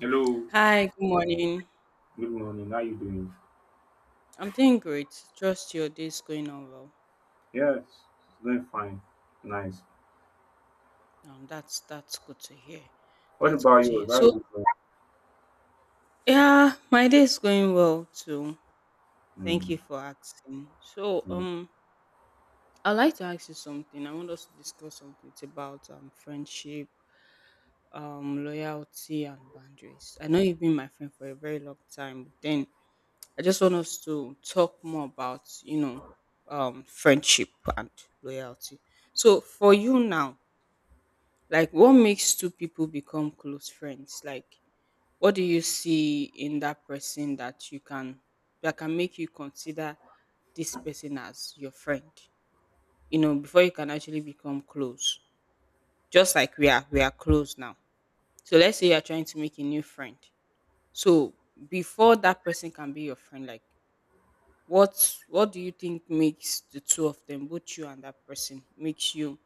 Hello, Hi, good morning. good morning. How you doing? I'm doing great. Trust your day's going on well. Yes, it's going fine. Nice. That's good to hear. What That's about good to you? hear. How So is it going? yeah, my day's going well too. Thank Mm, you for asking. So mm, I'd like to ask you something. I want us to discuss something. It's about friendship, loyalty, and boundaries. I know you've been my friend for a very long time, but then I just want us to talk more about friendship and loyalty. So for you now, like what makes two people become close friends? Like what do you see in that person that you can that can make you consider this person as your friend? You know, before you can actually become close. Just like we are close now. So let's say you are trying to make a new friend. So before that person can be your friend, like what do you think makes the two of them, both you and that person, makes you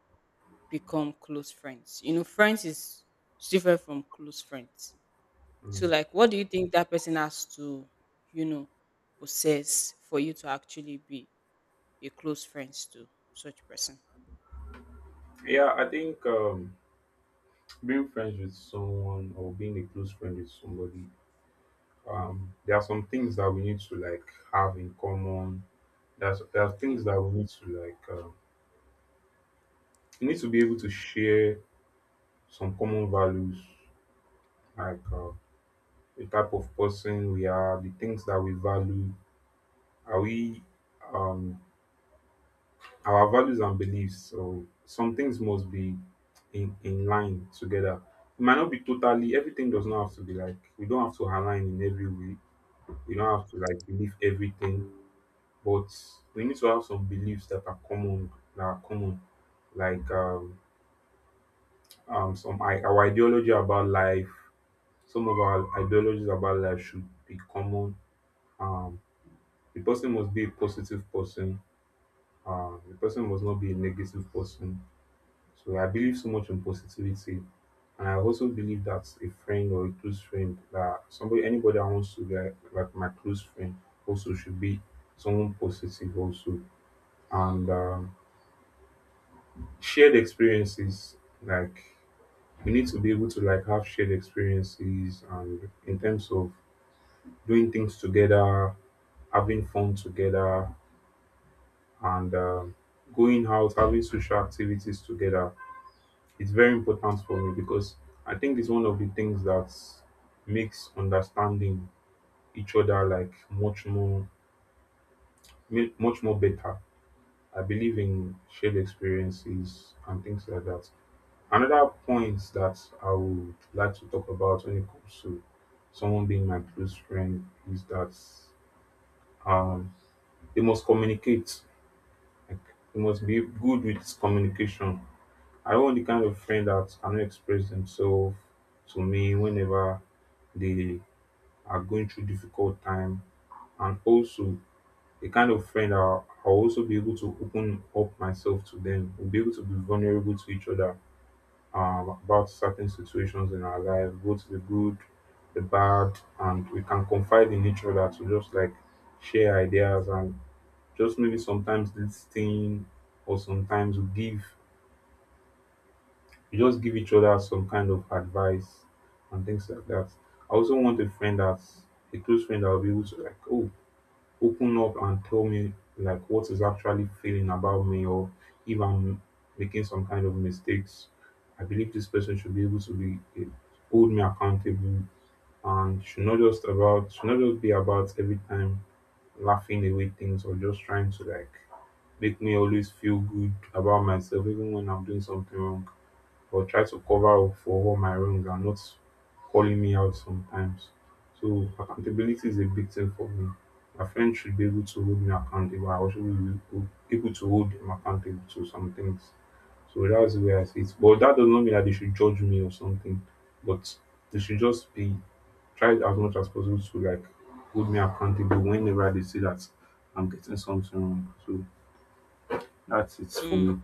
become close friends? You know, friends is different from close friends. So mm. like what do you think that person has to, you know, possess for you to actually be a close friends to such person? Yeah, I think being friends with someone or being a close friend with somebody, there are some things that we need to, like, have in common. There are things Okay. that we need to, like. You need to be able to share some common values, like the type of person we are, the things that we value. Are we um our values and beliefs. So some things must be in line together. It might not be totally. Everything does not have to be, like, we don't have to align in every way. We don't have to, like, believe everything, but we need to have some beliefs that are common. Like, our ideology about life, some of our ideologies about life should be common. Um the person must be a positive person. The person must not be a negative person. So I believe so much in positivity. And I also believe that a friend or a close friend, that somebody, anybody that wants to be, like my close friend, also should be someone positive also. And shared experiences, like, we need to be able to, like, have shared experiences, and in terms of doing things together, having fun together, and going out, having social activities together, it's very important for me, because I think it's one of the things that makes understanding each other, like, much more much more better. I believe in shared experiences and things like that. Another point that I would like to talk about when it comes to someone being my close friend is that um, they must communicate. Like, they must be good with communication. I want the kind of friend that cannot express themselves to me whenever they are going through difficult time, and also the kind of friend I'll also be able to open up myself to them. We'll be able to be vulnerable to each other about certain situations in our life, both the good, the bad, and we can confide in each other to just, like, share ideas, and just maybe sometimes listen, or sometimes we just give each other some kind of advice and things like that. I also want a friend that's a close friend that I'll be able to, like, oh, open up and tell me, like, what is actually feeling about me, or if I'm making some kind of mistakes. I believe this person should be able to be hold me accountable, and should not just about should not just be about every time laughing away things, or just trying to, like, make me always feel good about myself even when I'm doing something wrong, but try to cover up for all my wrong and not calling me out sometimes. So accountability is a big thing for me. My friends should be able to hold me accountable. I also will be able to hold them accountable to some things. So that's the way I see it. But that does not mean that they should judge me or something. But they should just be, try as much as possible to, like, hold me accountable whenever they see that I'm getting something wrong. So that's it for Mm. me.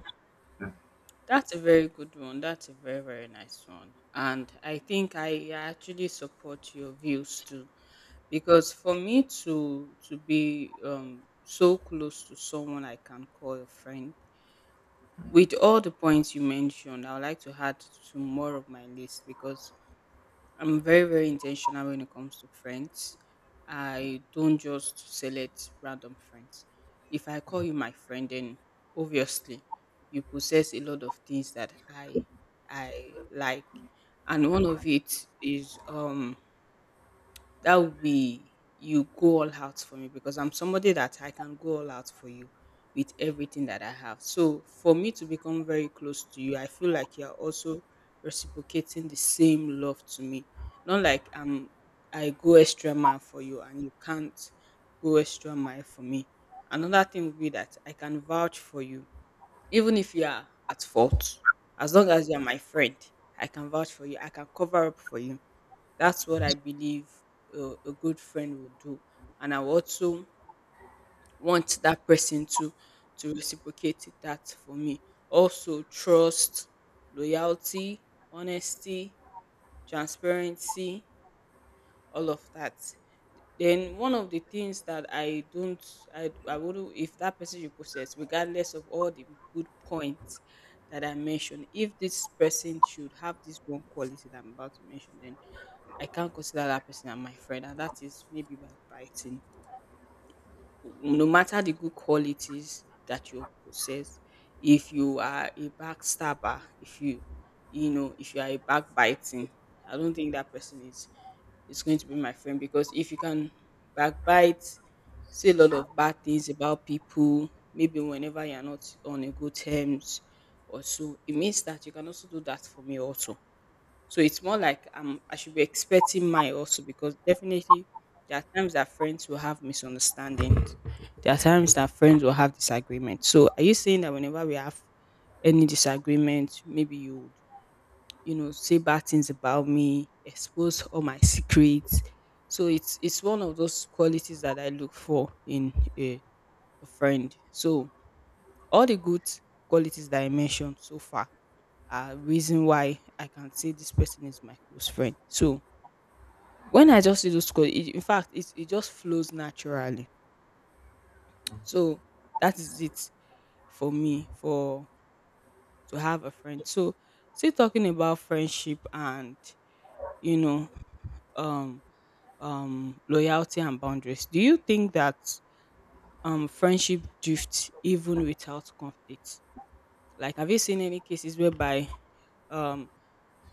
That's a very good one. That's a very, very nice one. And I think I actually support your views too. Because for me to be so close to someone I can call a friend, with all the points you mentioned, I would like to add to more of my list because I'm very, very intentional when it comes to friends. I don't just select random friends. If I call you my friend, then obviously you possess a lot of things that I like, and one of it is that would be you go all out for me because I'm somebody that I can go all out for you with everything that I have. So for me to become very close to you, I feel like you're also reciprocating the same love to me. Not like I go extra mile for you and you can't go extra mile for me. Another thing would be that I can vouch for you even if you are at fault, as long as you're my friend, I can vouch for you. I can cover up for you. That's what I believe a good friend will do. And I also want that person to reciprocate that for me. Also, trust, loyalty, honesty, transparency, all of that. Then one of the things that I don't, I wouldn't, if that person reposts, regardless of all the good points that I mentioned, if this person should have this one quality that I'm about to mention, then I can't consider that person as my friend, and that is maybe by biting. No matter the good qualities that you possess, if you are a backstabber, if you, you know, if you are a backbiting, I don't think that person is going to be my friend because if you can backbite, say a lot of bad things about people, maybe whenever you're not on a good terms or so, it means that you can also do that for me also. So it's more like I should be expecting mine also because definitely there are times that friends will have misunderstandings. There are times that friends will have disagreements. So are you saying that whenever we have any disagreement, maybe you would, you know, say bad things about me, expose all my secrets. So it's one of those qualities that I look for in a friend. So all the good qualities that I mentioned so far are reason why I can say this person is my close friend. So when I just see those qualities, in fact, it just flows naturally. So that is it for me for to have a friend. So still talking about friendship and you know um loyalty and boundaries. Do you think that friendship drifts even without conflict? Like, have you seen any cases whereby, um,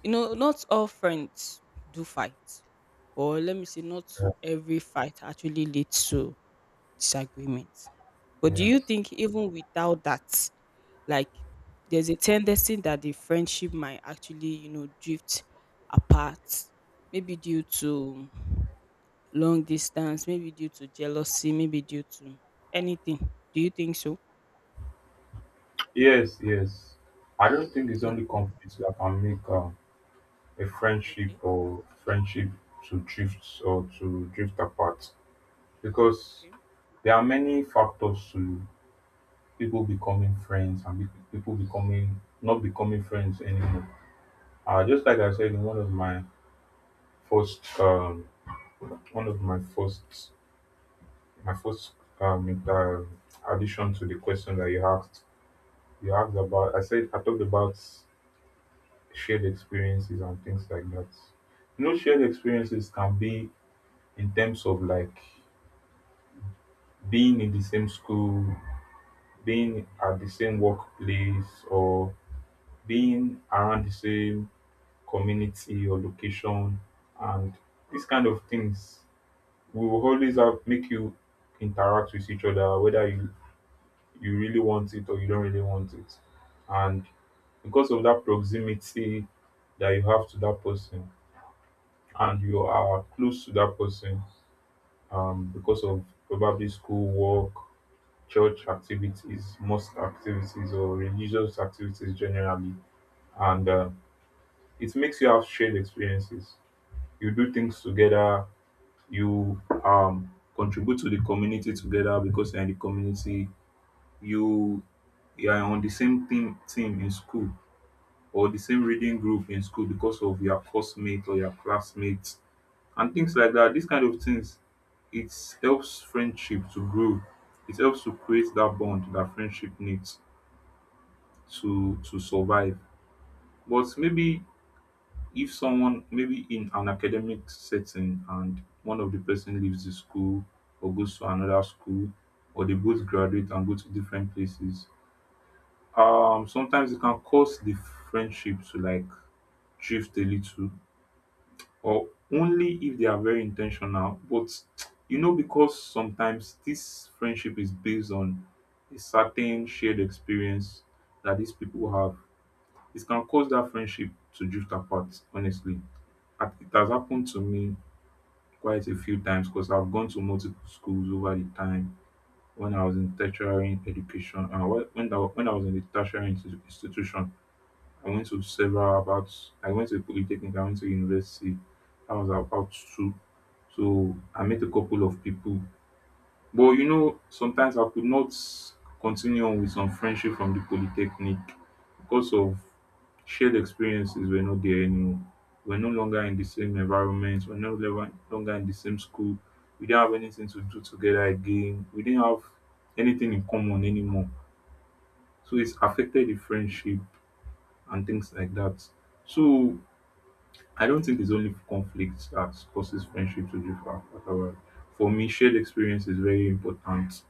you know, not all friends do fight, or let me say, not Yeah. every fight actually leads to disagreement. But do Yeah. you think even without that, like, there's a tendency that the friendship might actually, you know, drift apart, maybe due to long distance, maybe due to jealousy, maybe due to anything. Do you think so? Yes, yes. I don't think it's only Okay. conflict that can make a friendship Okay. or friendship to drift, or to drift apart, because Okay. there are many factors to people becoming friends and people becoming, not becoming friends anymore. Just like I said in one of my first one of my first my um, inter- addition to the question that you asked. You asked about I said I talked about shared experiences and things like that. Shared experiences can be in terms of, like, being in the same school, being at the same workplace, or being around the same community or location, and these kind of things will always make you interact with each other, whether you really want it or you don't really want it, and because of that proximity that you have to that person, and you are close to that person, because of probably school work, church activities, mosque activities, or religious activities generally. And it makes you have shared experiences. You do things together, you contribute to the community together because you're in the community. you, you are on the same team in school. Or the same reading group in school because of your coursemate or your classmates and things like that. These kind of things, it helps friendship to grow. It helps to create that bond that friendship needs to survive. But maybe if someone maybe in an academic setting, and one of the person leaves the school or goes to another school, or they both graduate and go to different places, um, sometimes it can cause the friendship to, like, drift a little, or only if they are very intentional. But because sometimes this friendship is based on a certain shared experience that these people have, it can cause that friendship to drift apart, honestly. And it has happened to me quite a few times, because I've gone to multiple schools over the time. When I was in tertiary education, and when I was in the tertiary institution. I went to several about I went to polytechnic, I went to university. I was about two, so I met a couple of people. But sometimes I could not continue on with some friendship from the polytechnic, because of shared experiences were not there anymore. We're no longer in the same environment, we're no longer in the same school, we didn't have anything to do together again, we didn't have anything in common anymore. So it's affected the friendship and things like that. So I don't think it's only conflict that causes friendship to differ at all. For me, shared experience is very important.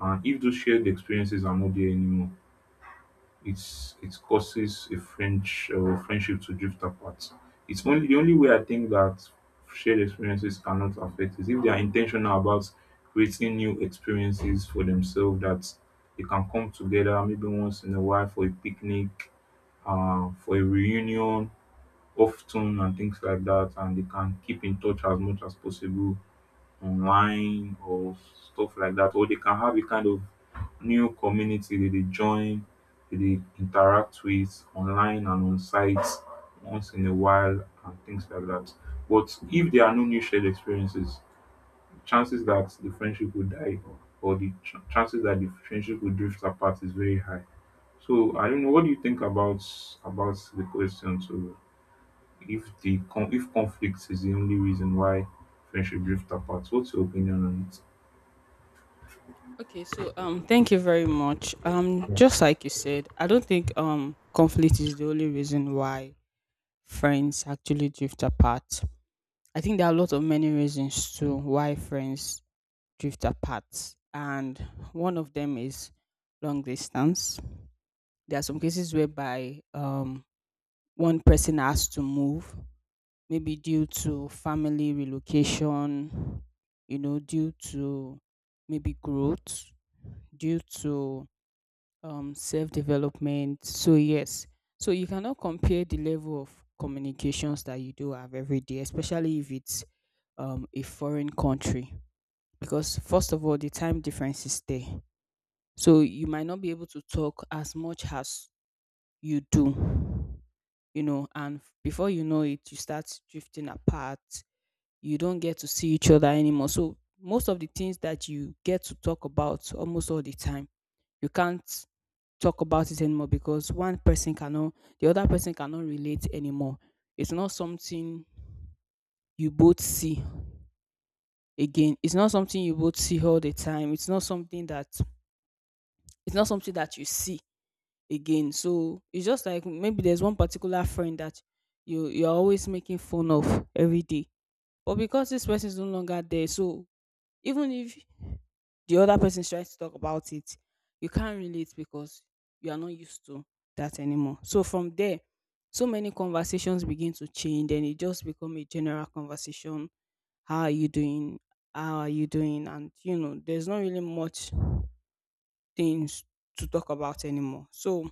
And if those shared experiences are not there anymore, it causes a French friendship to drift apart. It's only, the only way I think that shared experiences cannot affect is if they are intentional about creating new experiences for themselves, that they can come together maybe once in a while for a picnic, for a reunion, of ten and things like that, and they can keep in touch as much as possible online or stuff like that, or they can have a kind of new community that they join, that they interact with online and on sites once in a while and things like that. But if there are no new shared experiences, chances that the friendship will die, or the chances that the friendship will drift apart is very high. So I don't know, what do you think about the question? So. If conflict is the only reason why friendship drift apart, what's your opinion on it? Okay, so thank you very much. Just like you said, I don't think conflict is the only reason why friends actually drift apart. I think there are a lot of many reasons to why friends drift apart. And one of them is long distance. There are some cases whereby one person has to move maybe due to family relocation, you know, due to maybe growth, due to self development. So, yes, so you cannot compare the level of communications that you do have every day, especially if it's a foreign country, because first of all, the time difference is there. So, you might not be able to talk as much as you do, you know, and before you know it you start drifting apart, you don't get to see each other anymore. So most of the things that you get to talk about almost all the time, you can't talk about it anymore because one person cannot, the other person cannot relate anymore. It's not something you both see again. It's not something you both see all the time. It's not something that you see again. So it's just like maybe there's one particular friend that you're always making fun of every day. But because this person is no longer there, so even if the other person tries to talk about it, you can't relate because you are not used to that anymore. So from there, so many conversations begin to change and it just become a general conversation. How are you doing? How are you doing? And you know, there's not really much things to talk about anymore. So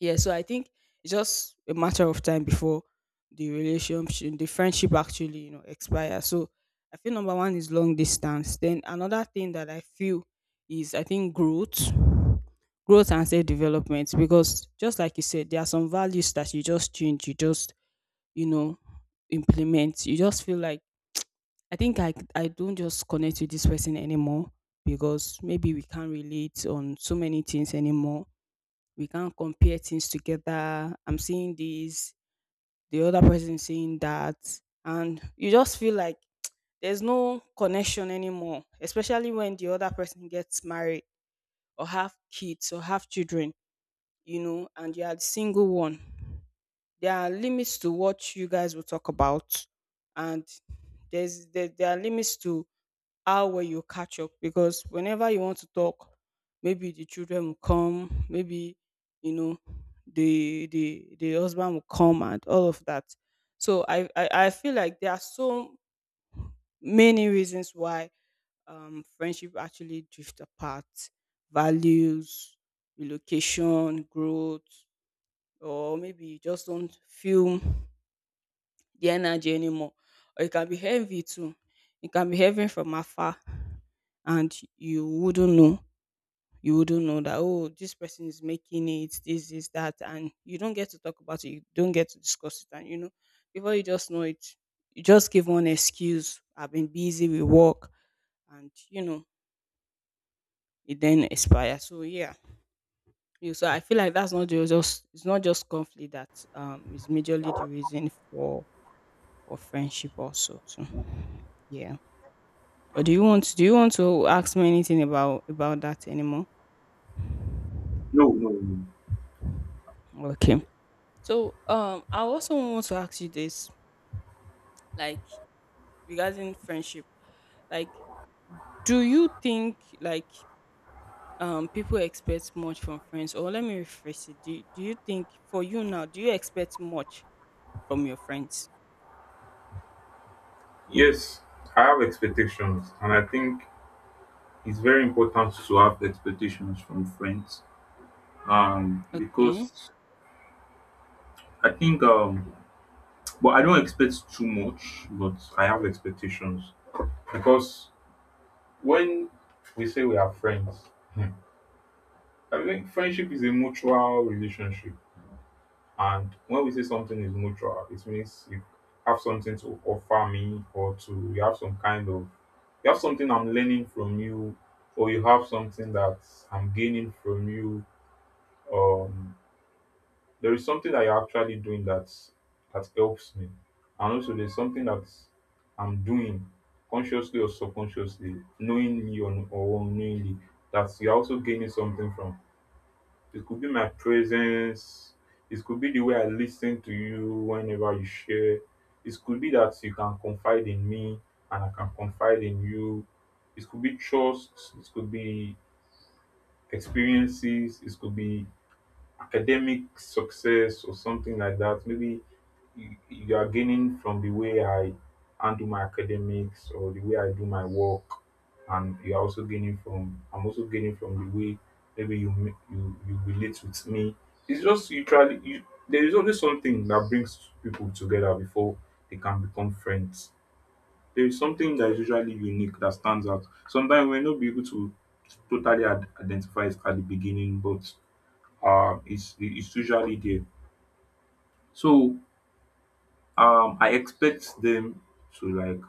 yeah, so I think it's just a matter of time before the relationship, the friendship actually, you know, expires. So I feel number one is long distance. Then another thing that I feel is I think growth, growth and self development. Because just like you said, there are some values that you just change, you just, you know, implement. You just feel like I think I don't just connect with this person anymore because maybe we can't relate on so many things anymore, we can't compare things together. I'm seeing this, the other person is seeing that, and you just feel like there's no connection anymore, especially when the other person gets married or have kids or have children, you know, and you are the single one. There are limits to what you guys will talk about, and there are limits to how well you catch up because whenever you want to talk maybe the children will come, maybe you know the husband will come and all of that. So I feel like there are so many reasons why friendship actually drift apart, values, relocation, growth, or maybe you just don't feel the energy anymore, or it can be heavy too. It can be heavy from afar and you wouldn't know, you wouldn't know that oh this person is making it, this is that, and you don't get to talk about it, you don't get to discuss it, and you know before you just know it you just give one excuse, I've been busy with work, and you know it then expires. So yeah, you so I feel like that's not just it's not just conflict that is majorly the reason for friendship also too, yeah. Or do you want to ask me anything about that anymore? No, no, no. Okay. So I also want to ask you this, like regarding friendship. Like, do you think like people expect much from friends? Or let me rephrase it. Do you think for you now, do you expect much from your friends? Yes, I have expectations, and I think it's very important to have expectations from friends. Okay. Because I think but I don't expect too much, but I have expectations, because when we say we are friends, hmm, I think friendship is a mutual relationship. And when we say something is mutual, it means you have something to offer me, or to you have some kind of, you have something I'm learning from you, or you have something that I'm gaining from you. Um, there is something that you're actually doing that helps me. And also there's something that I'm doing consciously or subconsciously, knowingly or unknowingly, that you're also gaining something from. It could be my presence. It could be the way I listen to you whenever you share. It could be that you can confide in me and I can confide in you. It could be trust. It could be experiences. It could be academic success or something like that. Maybe you, you are gaining from the way I handle my academics or the way I do my work, and you are also gaining from, I'm also gaining from the way maybe you ma- you relate with me. It's just you try you. There is always something that brings people together before they can become friends. There is something that is usually unique that stands out. Sometimes we may not be able to totally identify it at the beginning, but it's usually there. So I expect them to like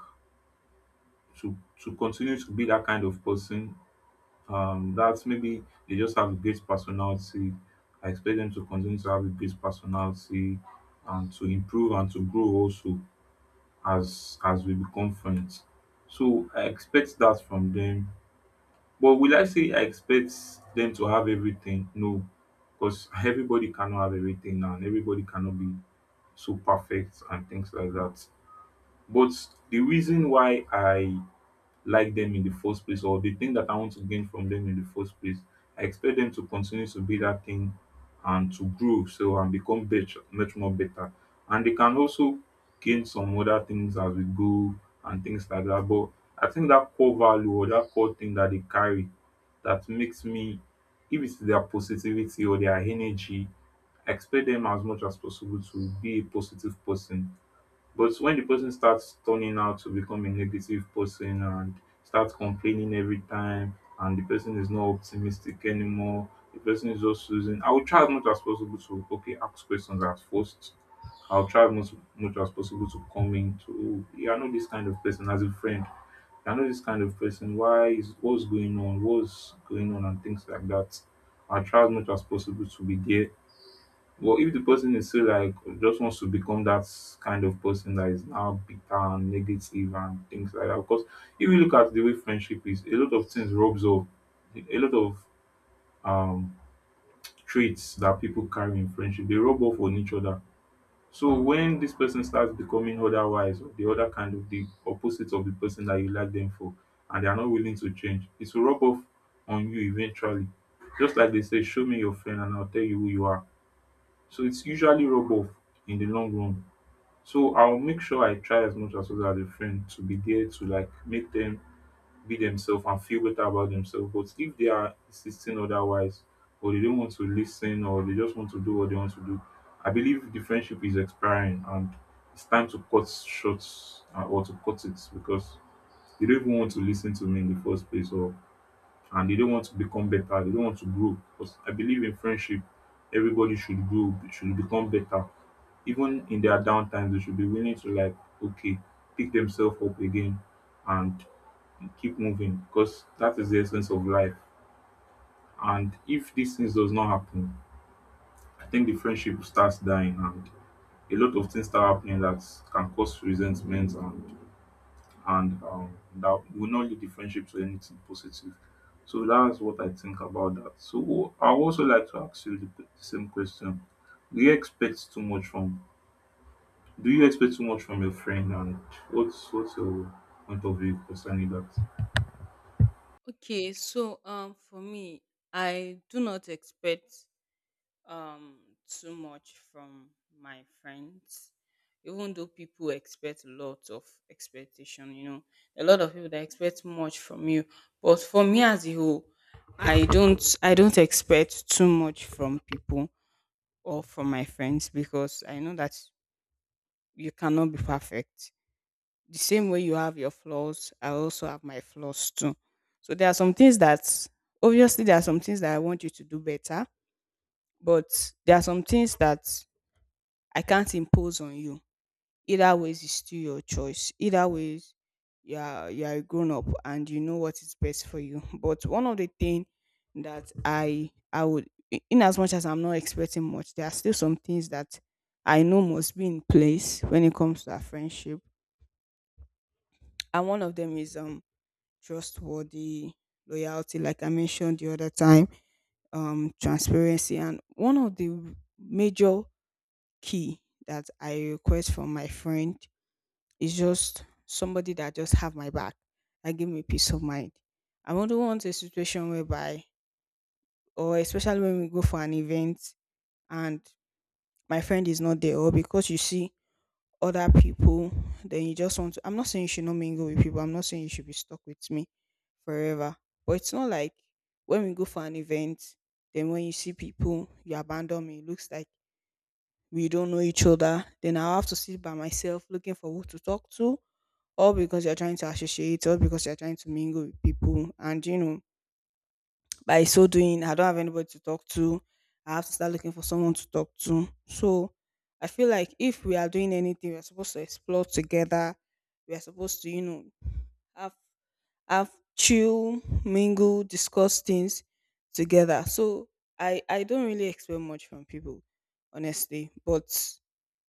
to continue to be that kind of person, that maybe they just have a great personality. I expect them to continue to have a great personality and to improve and to grow also as we become friends. So I expect that from them. But will I say I expect them to have everything? No, because everybody cannot have everything now, and everybody cannot be so perfect and things like that. But the reason why I like them in the first place, or the thing that I want to gain from them in the first place, I expect them to continue to be that thing and to grow so and become much more better. And they can also gain some other things as we go and things like that. But I think that core value or that core thing that they carry that makes me, if it's their positivity or their energy, I expect them as much as possible to be a positive person. But when the person starts turning out to become a negative person and starts complaining every time, and the person is not optimistic anymore, the person is just losing. I will try as much as possible to, okay, ask questions at first. I'll try as much as possible to come in to, "Oh, you are not this kind of person as a friend. You are not this kind of person. Why is what's going on? What's going on and things like that." I'll try as much as possible to be there. Well, if the person is still like just wants to become that kind of person that is now bitter and negative and things like that, because if you look at the way friendship is, a lot of things rubs off. A lot of um traits that people carry in friendship, they rub off on each other. So when this person starts becoming otherwise or the other kind of the opposite of the person that you like them for, and they are not willing to change, it will rub off on you eventually. Just like they say, show me your friend and I'll tell you who you are. So it's usually rub off in the long run. So I'll make sure I try as much as possible as a friend to be there to like make them be themselves and feel better about themselves. But if they are insisting otherwise, or they don't want to listen, or they just want to do what they want to do, I believe the friendship is expiring and it's time to cut short, or to cut it, because they don't even want to listen to me in the first place, or and they don't want to become better. They don't want to grow. Because I believe in friendship, everybody should grow, should become better. Even in their downtime, they should be willing to like, okay, pick themselves up again and keep moving. Because that is the essence of life. And if these things does not happen, I think the friendship starts dying and a lot of things start happening that can cause resentment and that will not lead the friendship to anything positive. So that's what I think about that. So I also like to ask you the same question: do you expect too much from? Do you expect too much from your friend? And what's your point of view concerning that? Okay, so for me, I do not expect um too much from my friends, even though people expect a lot of expectation, you know, a lot of people that expect much from you, but for me as a whole, I don't expect too much from people or from my friends because I know that you cannot be perfect. The same way you have your flaws, I also have my flaws too. So there are some things that obviously there are some things that I want you to do better, but there are some things that I can't impose on you. Either ways it's still your choice. Either ways you are a grown up, and you know what is best for you. But one of the things that I would, in as much as I'm not expecting much, there are still some things that I know must be in place when it comes to our friendship. And one of them is trustworthy, loyalty, like I mentioned the other time, transparency. And one of the major key that I request from my friend, it's just somebody that just have my back, that give me peace of mind. I wouldn't want a situation whereby, or especially when we go for an event and my friend is not there, or because you see other people, then you just want to. I'm not saying you should not mingle with people. I'm not saying you should be stuck with me forever. But it's not like when we go for an event, then when you see people, you abandon me. It looks like we don't know each other. Then I'll have to sit by myself looking for who to talk to, all because you're trying to associate, all because you're trying to mingle with people. And by so doing, I don't have anybody to talk to. I have to start looking for someone to talk to. So I feel like if we are doing anything, we're supposed to explore together. We are supposed to, you know, have chill, mingle, discuss things together. So I don't really expect much from people, honestly. But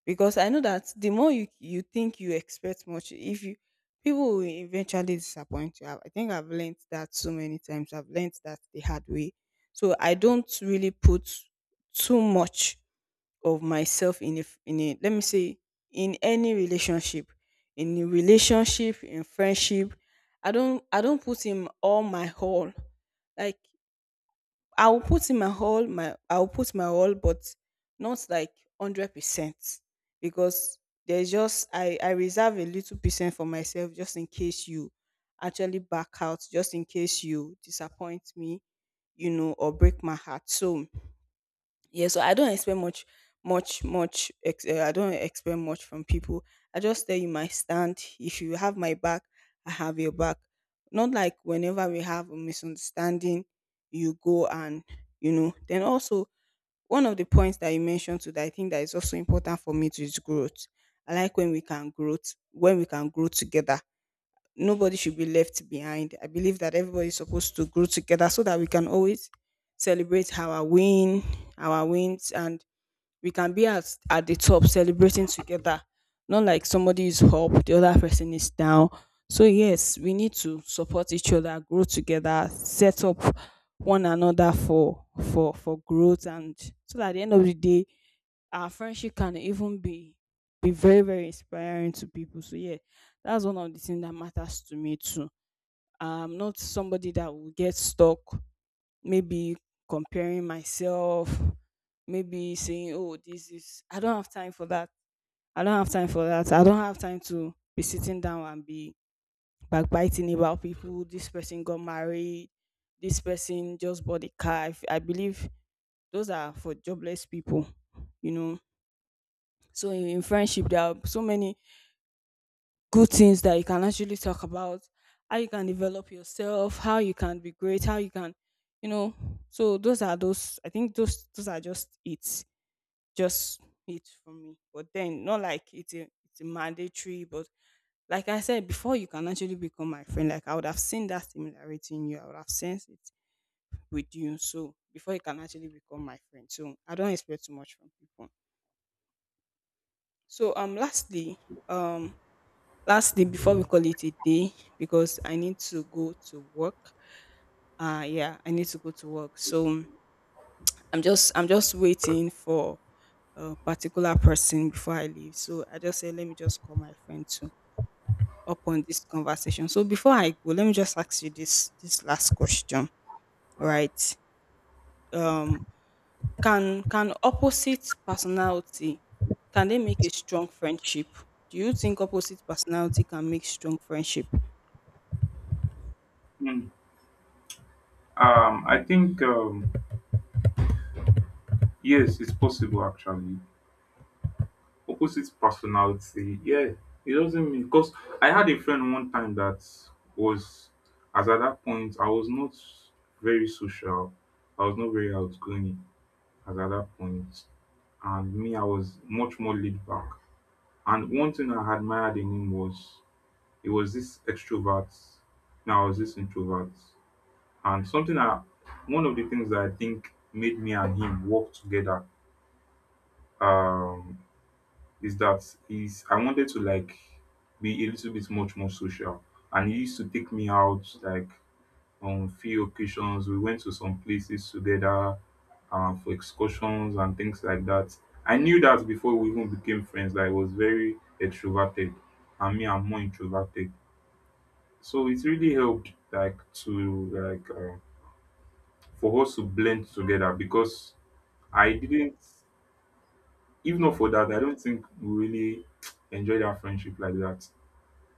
because I know that the more you think you expect much, if you, people will eventually disappoint you. I think I've learned that so many times. I've learned that the hard way. So I don't really put too much of myself in in, a let me say, in any relationship, in a relationship, in friendship. I don't put in all my whole. Like I will put in my I will put my all, but not like 100%, because there's just I reserve a little percent for myself just in case you actually back out, just in case you disappoint me, you know, or break my heart. So yeah, so I don't expect I don't expect much from people. I just tell you my stand: if you have my back, I have your back. Not like whenever we have a misunderstanding, you go and, you know. Then also, one of the points that you mentioned to, that I think that is also important for me to, is growth. I like when we can when we can grow together. Nobody should be left behind. I believe that everybody is supposed to grow together so that we can always celebrate our wins, and we can be at the top celebrating together. Not like somebody is up, the other person is down. So yes, we need to support each other, grow together, set up one another for for growth, and so that at the end of the day, our friendship can even be very very inspiring to people. So yeah, that's one of the things that matters to me too. I'm not somebody that will get stuck maybe comparing myself, maybe saying, oh, this is, I don't have time for that. I don't have time for that. I don't have time to be sitting down and be backbiting about people. This person got married, this person just bought a car. I believe those are for jobless people, you know. So in friendship, there are so many good things that you can actually talk about. How you can develop yourself, how you can be great, how you can, you know. So those are those, I think those are just it, just it for me. But then, not like it's a mandatory. But like I said before, you can actually become my friend like I would have seen that similarity in you, I would have sensed it with you, so before you can actually become my friend. So I don't expect too much from people. So lastly, um lastly, before we call it a day, because I need to go to work. Yeah, I need to go to work. So I'm just waiting for a particular person before I leave, so I just say, let me just call my friend to upon this conversation. So before I go, let me just ask you this last question, right? um can opposite personality, can they make a strong friendship? Do you think opposite personality can make strong friendship? Mm. I think, yes, it's possible actually. Opposite personality, yeah, it doesn't mean. Because I had a friend one time that was, as at that point, I was not very social, I was not very outgoing as at that point, and me, I was much more laid back. And one thing I admired in him was he was this extrovert, now I was this introvert, and something I, one of the things that I think made me and him work together, um. is that is I wanted to like be a little bit much more social, and he used to take me out like on few occasions. We went to some places together, for excursions and things like that. I knew that before we even became friends that I was very extroverted, and me I'm more introverted. So it really helped like to like, for us to blend together, because I didn't, if not for that, I don't think we really enjoyed our friendship like that,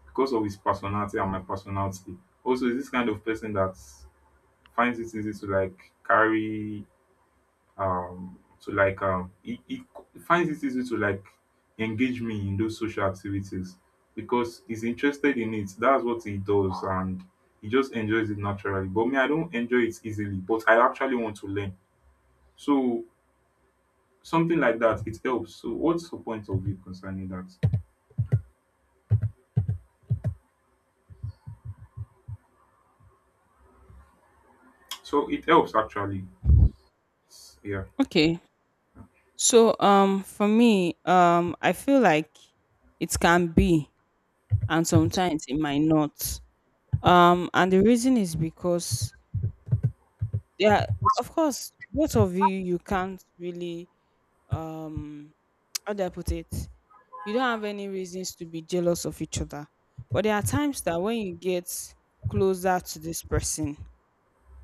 because of his personality and my personality. Also, he's this kind of person that finds it easy to like carry to like he finds it easy to like engage me in those social activities because he's interested in it. That's what he does and he just enjoys it naturally. But me, I don't enjoy it easily, but I actually want to learn. So something like that, it helps. So what's your point of view concerning that? So it helps actually. Yeah. Okay. So for me, I feel like it can be, and sometimes it might not. And the reason is because there are, of course, both of you can't really um how do I put it? You don't have any reasons to be jealous of each other. But there are times that when you get closer to this person,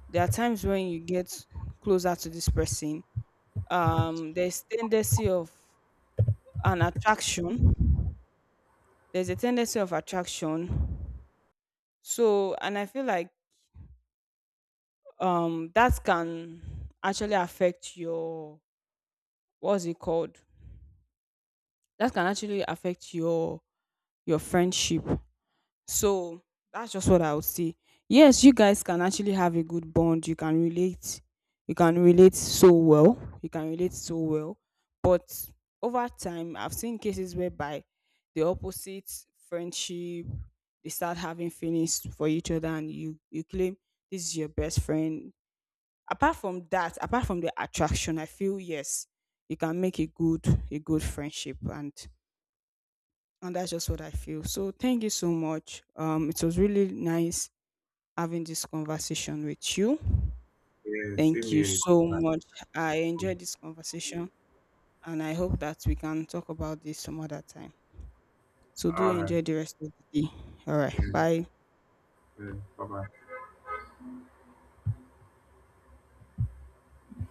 there are times when you get closer to this person, there's tendency of an attraction there's a tendency of attraction. So, and I feel like that can actually affect your, what's it called? That can actually affect your friendship. So that's just what I would say. Yes, you guys can actually have a good bond. You can relate. You can relate so well. But over time, I've seen cases whereby the opposite friendship, they start having feelings for each other, and you claim this is your best friend. Apart from that, apart from the attraction, I feel yes, you can make a good friendship, and that's just what I feel. So thank you so much. It was really nice having this conversation with you. Yeah, Thank same you here. so much. I enjoyed this conversation, and I hope that we can talk about this some other time. So do All right. enjoy the rest of the day. All right. 嗯 Bye. 嗯，拜拜。